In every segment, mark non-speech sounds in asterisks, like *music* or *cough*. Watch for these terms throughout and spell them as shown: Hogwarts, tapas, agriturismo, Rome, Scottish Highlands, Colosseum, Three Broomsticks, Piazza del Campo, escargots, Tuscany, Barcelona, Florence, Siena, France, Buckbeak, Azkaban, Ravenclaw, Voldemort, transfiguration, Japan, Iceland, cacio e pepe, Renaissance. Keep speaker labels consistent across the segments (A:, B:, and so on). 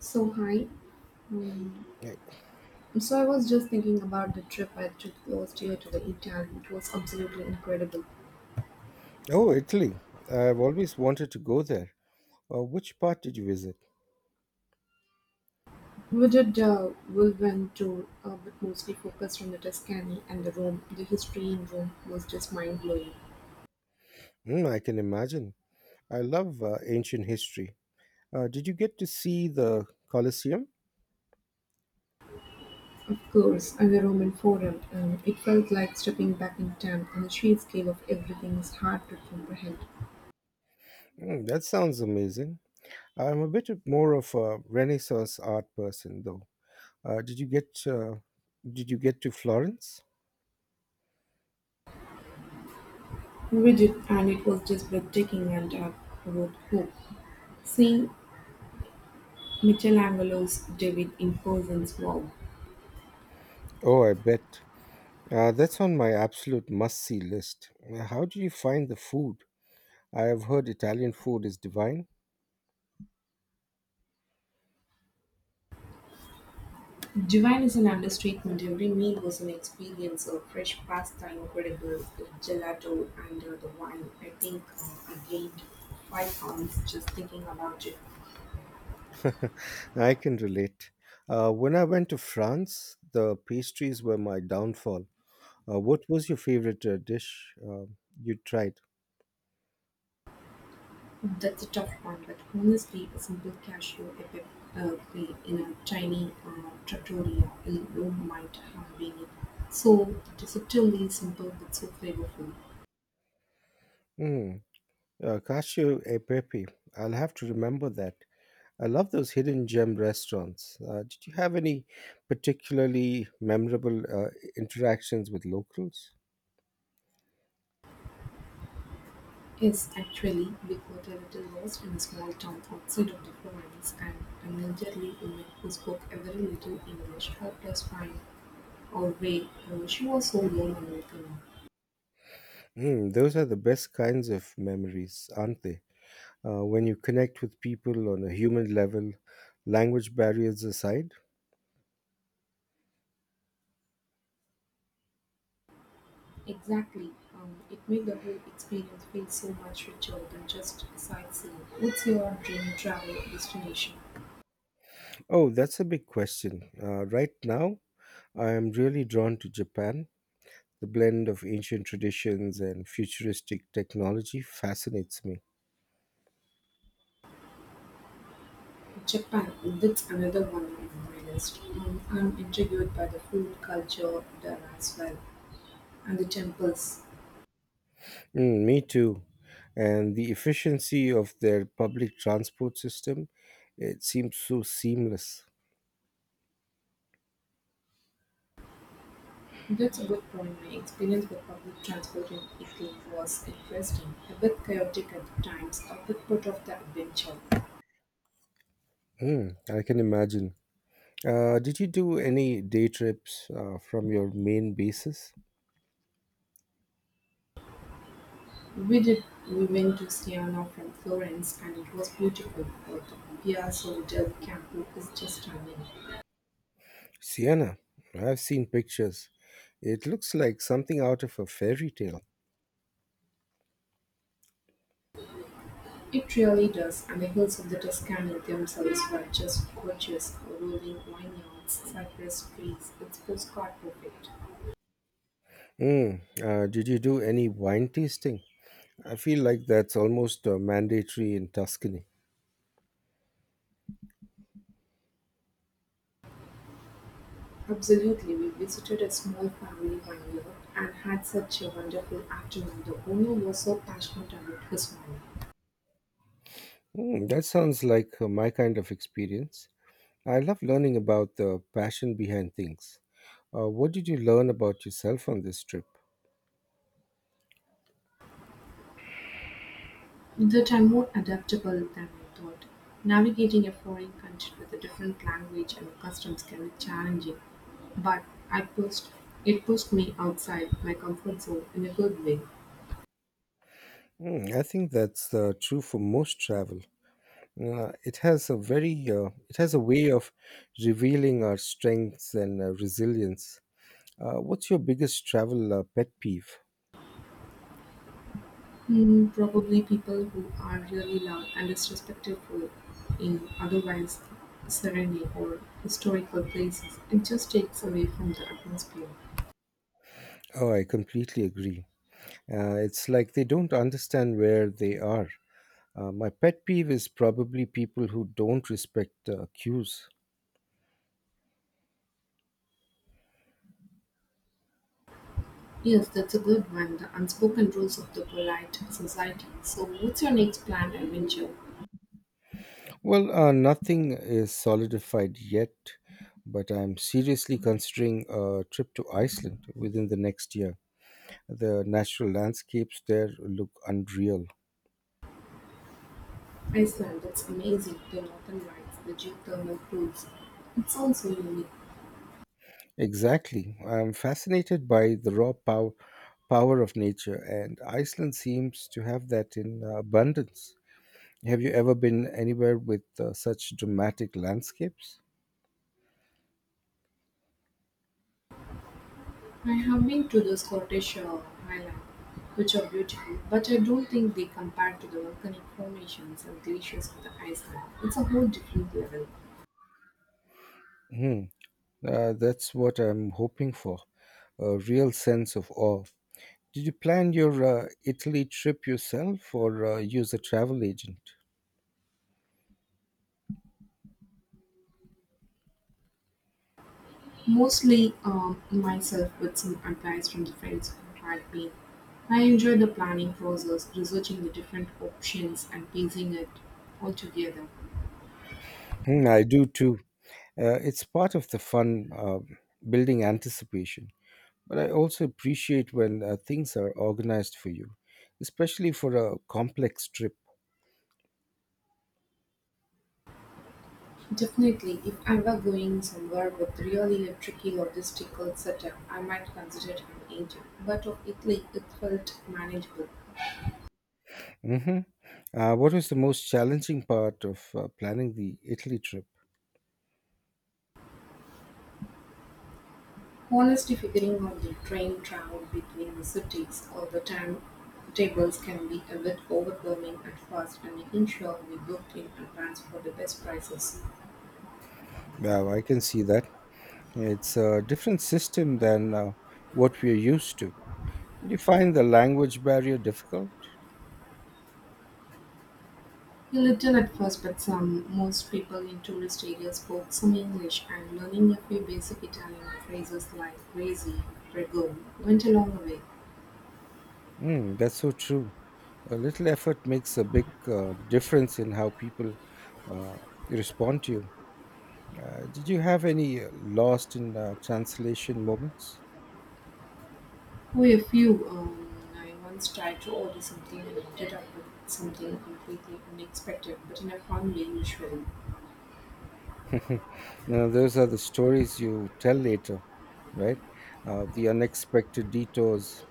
A: So hi, um,
B: Yeah.
A: so I was just thinking about the trip I took last year to the Italy. It was absolutely incredible.
B: Oh, Italy. I've always wanted to go there. Which part did you visit?
A: We did a whirlwind tour, but mostly focused on the Tuscany and the Rome. The history in Rome was just mind blowing.
B: Mm, I can imagine. I love ancient history. Did you get to see the Colosseum?
A: Of course, and the Roman Forum. It felt like stepping back in time, and the sheer scale of everything is hard to comprehend.
B: Mm, that sounds amazing. I'm more of a Renaissance art person, though. Uh, did you get uh, Did you get to Florence?
A: We did, and it was just breathtaking and about hope. Seeing Michelangelo's David in person's wow.
B: Oh, I bet. That's on my absolute must-see list. How do you find the food? I have heard Italian food is divine.
A: Divine is an understatement. Every meal was an experience of fresh pasta, incredible gelato, and the wine. I gained 5 pounds just thinking about it.
B: *laughs* I can relate. When I went to France, the pastries were my downfall. What was your favorite dish you tried?
A: That's a tough one, but honestly, a simple cashew epic pie in a tiny trattoria in Rome might have been it. So deceptively simple but so flavorful.
B: Mm, Cashew e pepe. I'll have to remember that. I love those hidden gem restaurants. Did you have any particularly memorable interactions with locals?
A: Is actually begot a little lost in a small town outside of the province, and an elderly woman who spoke a very little English helped us find our way. She was so warm and welcoming.
B: Mm, those are the best kinds of memories, aren't they? When you connect with people on a human level, language barriers aside.
A: Exactly. It made the whole experience feel so much richer than just sightseeing. What's your dream travel destination?
B: Oh, that's a big question. Right now, I am really drawn to Japan. The blend of ancient traditions and futuristic technology fascinates me.
A: Japan, that's another one on my list. I'm intrigued by the food culture there as well, and the temples.
B: Mm, me too. And the efficiency of their public transport system, it seems so seamless.
A: Due to both from my experience with public transport in Italy was interesting, a bit chaotic at times, a bit part of the adventure.
B: Mm, I can imagine. Did you do any day trips from your main bases?
A: We did, we went to Siena from Florence and it was beautiful, but the Piazza del Campo is just stunning.
B: Siena. I've seen pictures. It looks like something out of a fairy tale.
A: It really does, and the hills of the Tuscany themselves were just gorgeous, rolling vineyards, cypress trees. It's postcard perfect.
B: Did you do any wine tasting? I feel like that's almost mandatory in Tuscany.
A: Absolutely, we visited a small family one year and had such a wonderful afternoon. The owner was so passionate about his farming
B: Mm, that sounds like my kind of experience. I love learning about the passion behind things. What did you learn about yourself on this trip?
A: that I'm more adaptable than I thought. Navigating a foreign country with a different language and customs can be challenging, but I pushed it pushed me outside my comfort zone in a good way.
B: Mm, I think that's true for most travel. It has a way of revealing our strengths and resilience. What's your biggest travel pet peeve?
A: Hmm. Probably people who are really loud and disrespectful in otherwise serene or historical places. It just takes away from the atmosphere.
B: Oh, I completely agree. It's like they don't understand where they are. My pet peeve is probably people who don't respect cues.
A: Yes, that's a good one. The unspoken rules of the polite society. So, what's your next planned adventure?
B: Well, nothing is solidified yet, but I'm seriously considering a trip to Iceland within the next year. The natural landscapes there look unreal.
A: Iceland, that's amazing. The northern lights, the geothermal pools. It sounds so unique.
B: Exactly. I'm fascinated by the power of nature, and Iceland seems to have that in abundance. Have you ever been anywhere with such dramatic landscapes?
A: I have been to the Scottish Highlands, which are beautiful, but I don't think they compare to the volcanic formations and glaciers of the Iceland. It's a whole different level.
B: Hmm. That's what I'm hoping for, a real sense of awe. Did you plan your Italy trip yourself or use a travel agent?
A: Mostly myself with some advice from the friends who had been. I enjoyed the planning process, researching the different options and piecing it all together.
B: Hmm, I do too. It's part of the fun, building anticipation. But I also appreciate when things are organized for you, especially for a complex trip.
A: Definitely, if I were going somewhere with really a tricky logistical setup, I might consider an agent. But of Italy, it felt manageable.
B: Hmm. What was the most challenging part of planning the Italy trip?
A: Honestly figuring out the train travel between the cities or the timetables can be a bit overwhelming at first and making sure we booked in advance for the best prices.
B: Wow, I can see that. It's a different system than what we're used to. Did you find the language barrier difficult?
A: A little at first, but some most people in tourist areas spoke some English and learning a few basic Italian phrases like crazy, prego went a long way.
B: Mm, that's so true. A little effort makes a big difference in how people uh, respond to you. Did you have any lost in translation moments?
A: We a few I once tried to order something and ended up with something completely unexpected, but in a fun way usually.
B: *laughs* You know, those are the stories you tell later, right? The unexpected detours.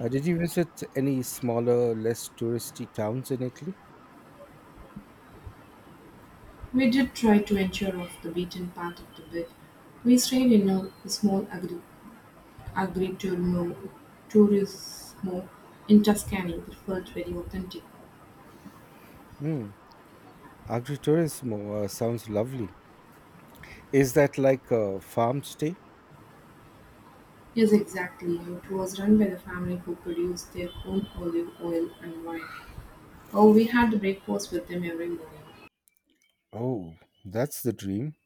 B: Did you visit any smaller, less touristy towns in Italy?
A: We did try to venture off the beaten path of the bit. We stayed in a small agri- agriturismo turismo in Tuscany that felt very authentic.
B: Hmm. Agritourism sounds lovely. Is that like a farm stay?
A: Yes, exactly. It was run by the family who produced their own olive oil and wine. Oh, we had breakfast with them every morning.
B: Oh, that's the dream.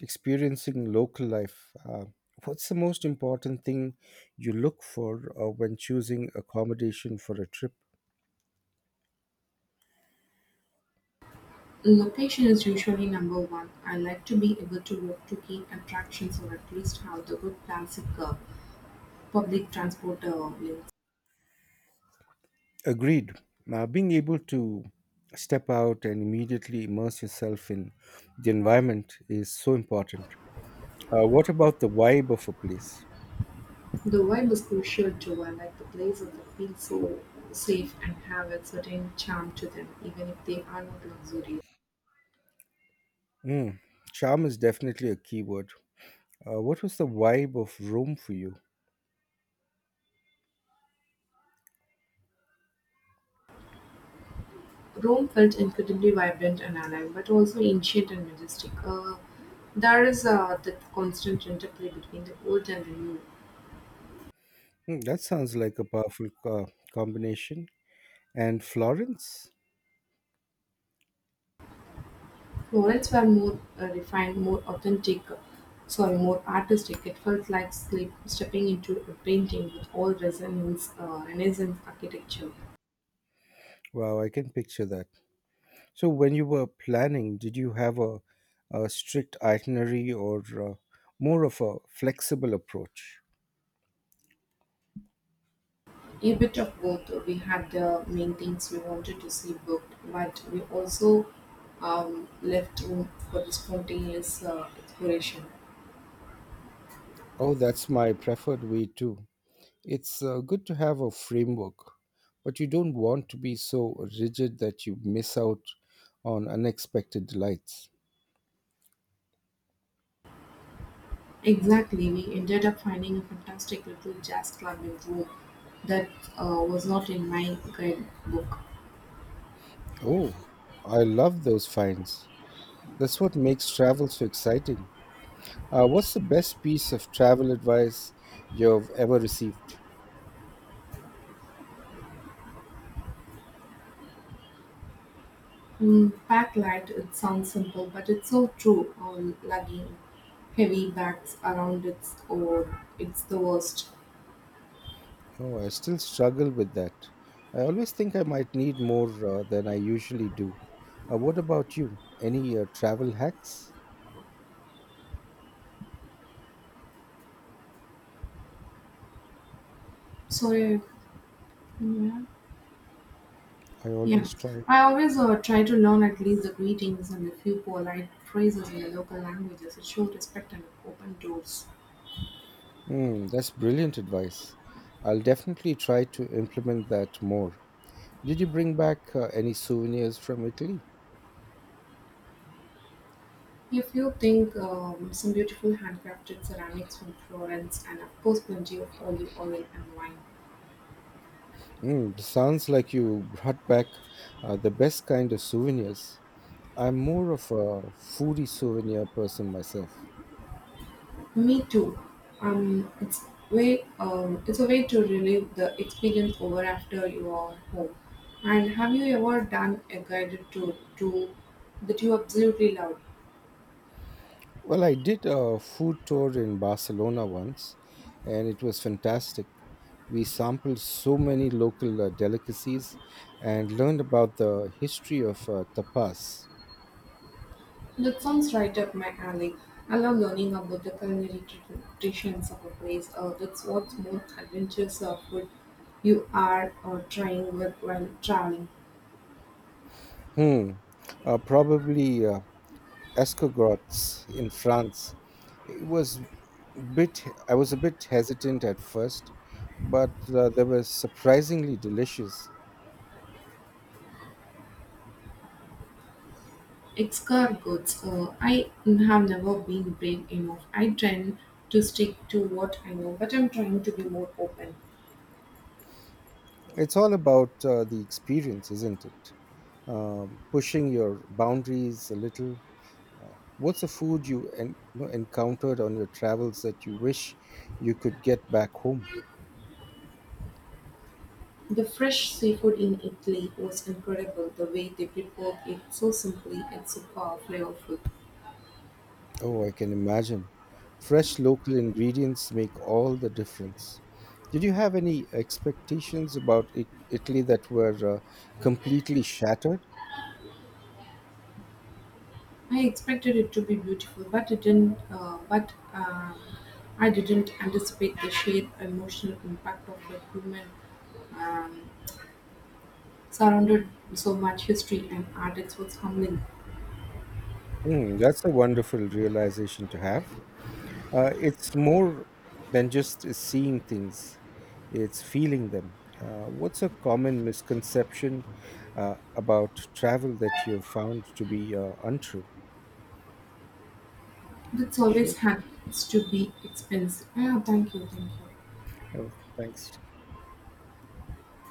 B: Experiencing local life. What's the most important thing you look for when choosing accommodation for a trip?
A: Location is usually number one. I like to be able to walk to key attractions or at least have the good classic public transport links.
B: Agreed. Being able to step out and immediately immerse yourself in the environment is so important. What about the vibe of a place?
A: The vibe is crucial too. I like the places that feel so safe and have a certain charm to them, even if they are not luxurious.
B: Mm, charm is definitely a key word. What was the vibe of Rome for you?
A: Rome felt incredibly vibrant and alive, but also ancient and majestic. There is that constant interplay between the old and the new.
B: Hmm, that sounds like a powerful combination. And Florence?
A: Florence were more refined, more authentic, sorry, more artistic. It felt like sleep, stepping into a painting with all resonance, Renaissance architecture.
B: Wow, I can picture that. So, when you were planning, did you have a strict itinerary or more of a flexible approach?
A: A bit of both. We had the main things we wanted to see booked, but we also left room for the spontaneous exploration.
B: Oh, that's my preferred way too. It's good to have a framework, but you don't want to be so rigid that you miss out on unexpected delights.
A: Exactly, we ended up finding a fantastic little jazz club in Rome that was not in my guidebook.
B: Oh, I love those finds. That's what makes travel so exciting. What's the best piece of travel advice you've ever received?
A: Mm, pack light, it sounds simple, but it's so true on lugging heavy bags around its or it's the worst.
B: Oh, I still struggle with that. I always think I might need more than I usually do. What about you? Any travel hacks?
A: Sorry. Yeah.
B: I
A: Yeah,
B: always try.
A: I always try to learn at least the greetings and a few polite phrases in the local languages. It shows respect and open doors.
B: Hmm, that's brilliant advice. I'll definitely try to implement that more. Did you bring back any souvenirs from Italy?
A: If you think some beautiful handcrafted ceramics from Florence, and of course, plenty of olive oil and wine.
B: Mm, sounds like you brought back the best kind of souvenirs. I'm more of a foodie souvenir person myself.
A: Me too. Um, it's it's a way to relive the experience over after you are home. And have you ever done a guided tour to that you absolutely loved?
B: Well, I did a food tour in Barcelona once, and it was fantastic. We sampled so many local delicacies and learned about the history of tapas.
A: That sounds right up my alley. I love learning about the culinary traditions of a place. That's what more adventures of food you are trying with while traveling.
B: Hmm, probably escargots in France. It was bit. I was a bit hesitant at first, but they were surprisingly delicious.
A: Escargots. I have never been brave enough. I tend to stick to what I know, but I'm trying to be more open.
B: It's all about the experience, isn't it? Pushing your boundaries a little. What's a food you encountered on your travels that you wish you could get back home?
A: The fresh seafood in Italy was incredible. The way they prepared it so simply and so flavorful.
B: Oh, I can imagine. Fresh local ingredients make all the difference. Did you have any expectations about Italy that were completely shattered?
A: I expected it to be beautiful, but it didn't. But I didn't anticipate the sheer emotional impact of a human um, surrounded so much history and art. It was humbling.
B: Hmm, that's a wonderful realization to have. It's more than just seeing things, it's feeling them. What's a common misconception about travel that you've found to be untrue?
A: That's always
B: Okay.
A: has to be expensive. Yeah, thank you, thank you.
B: Uh, Thanks.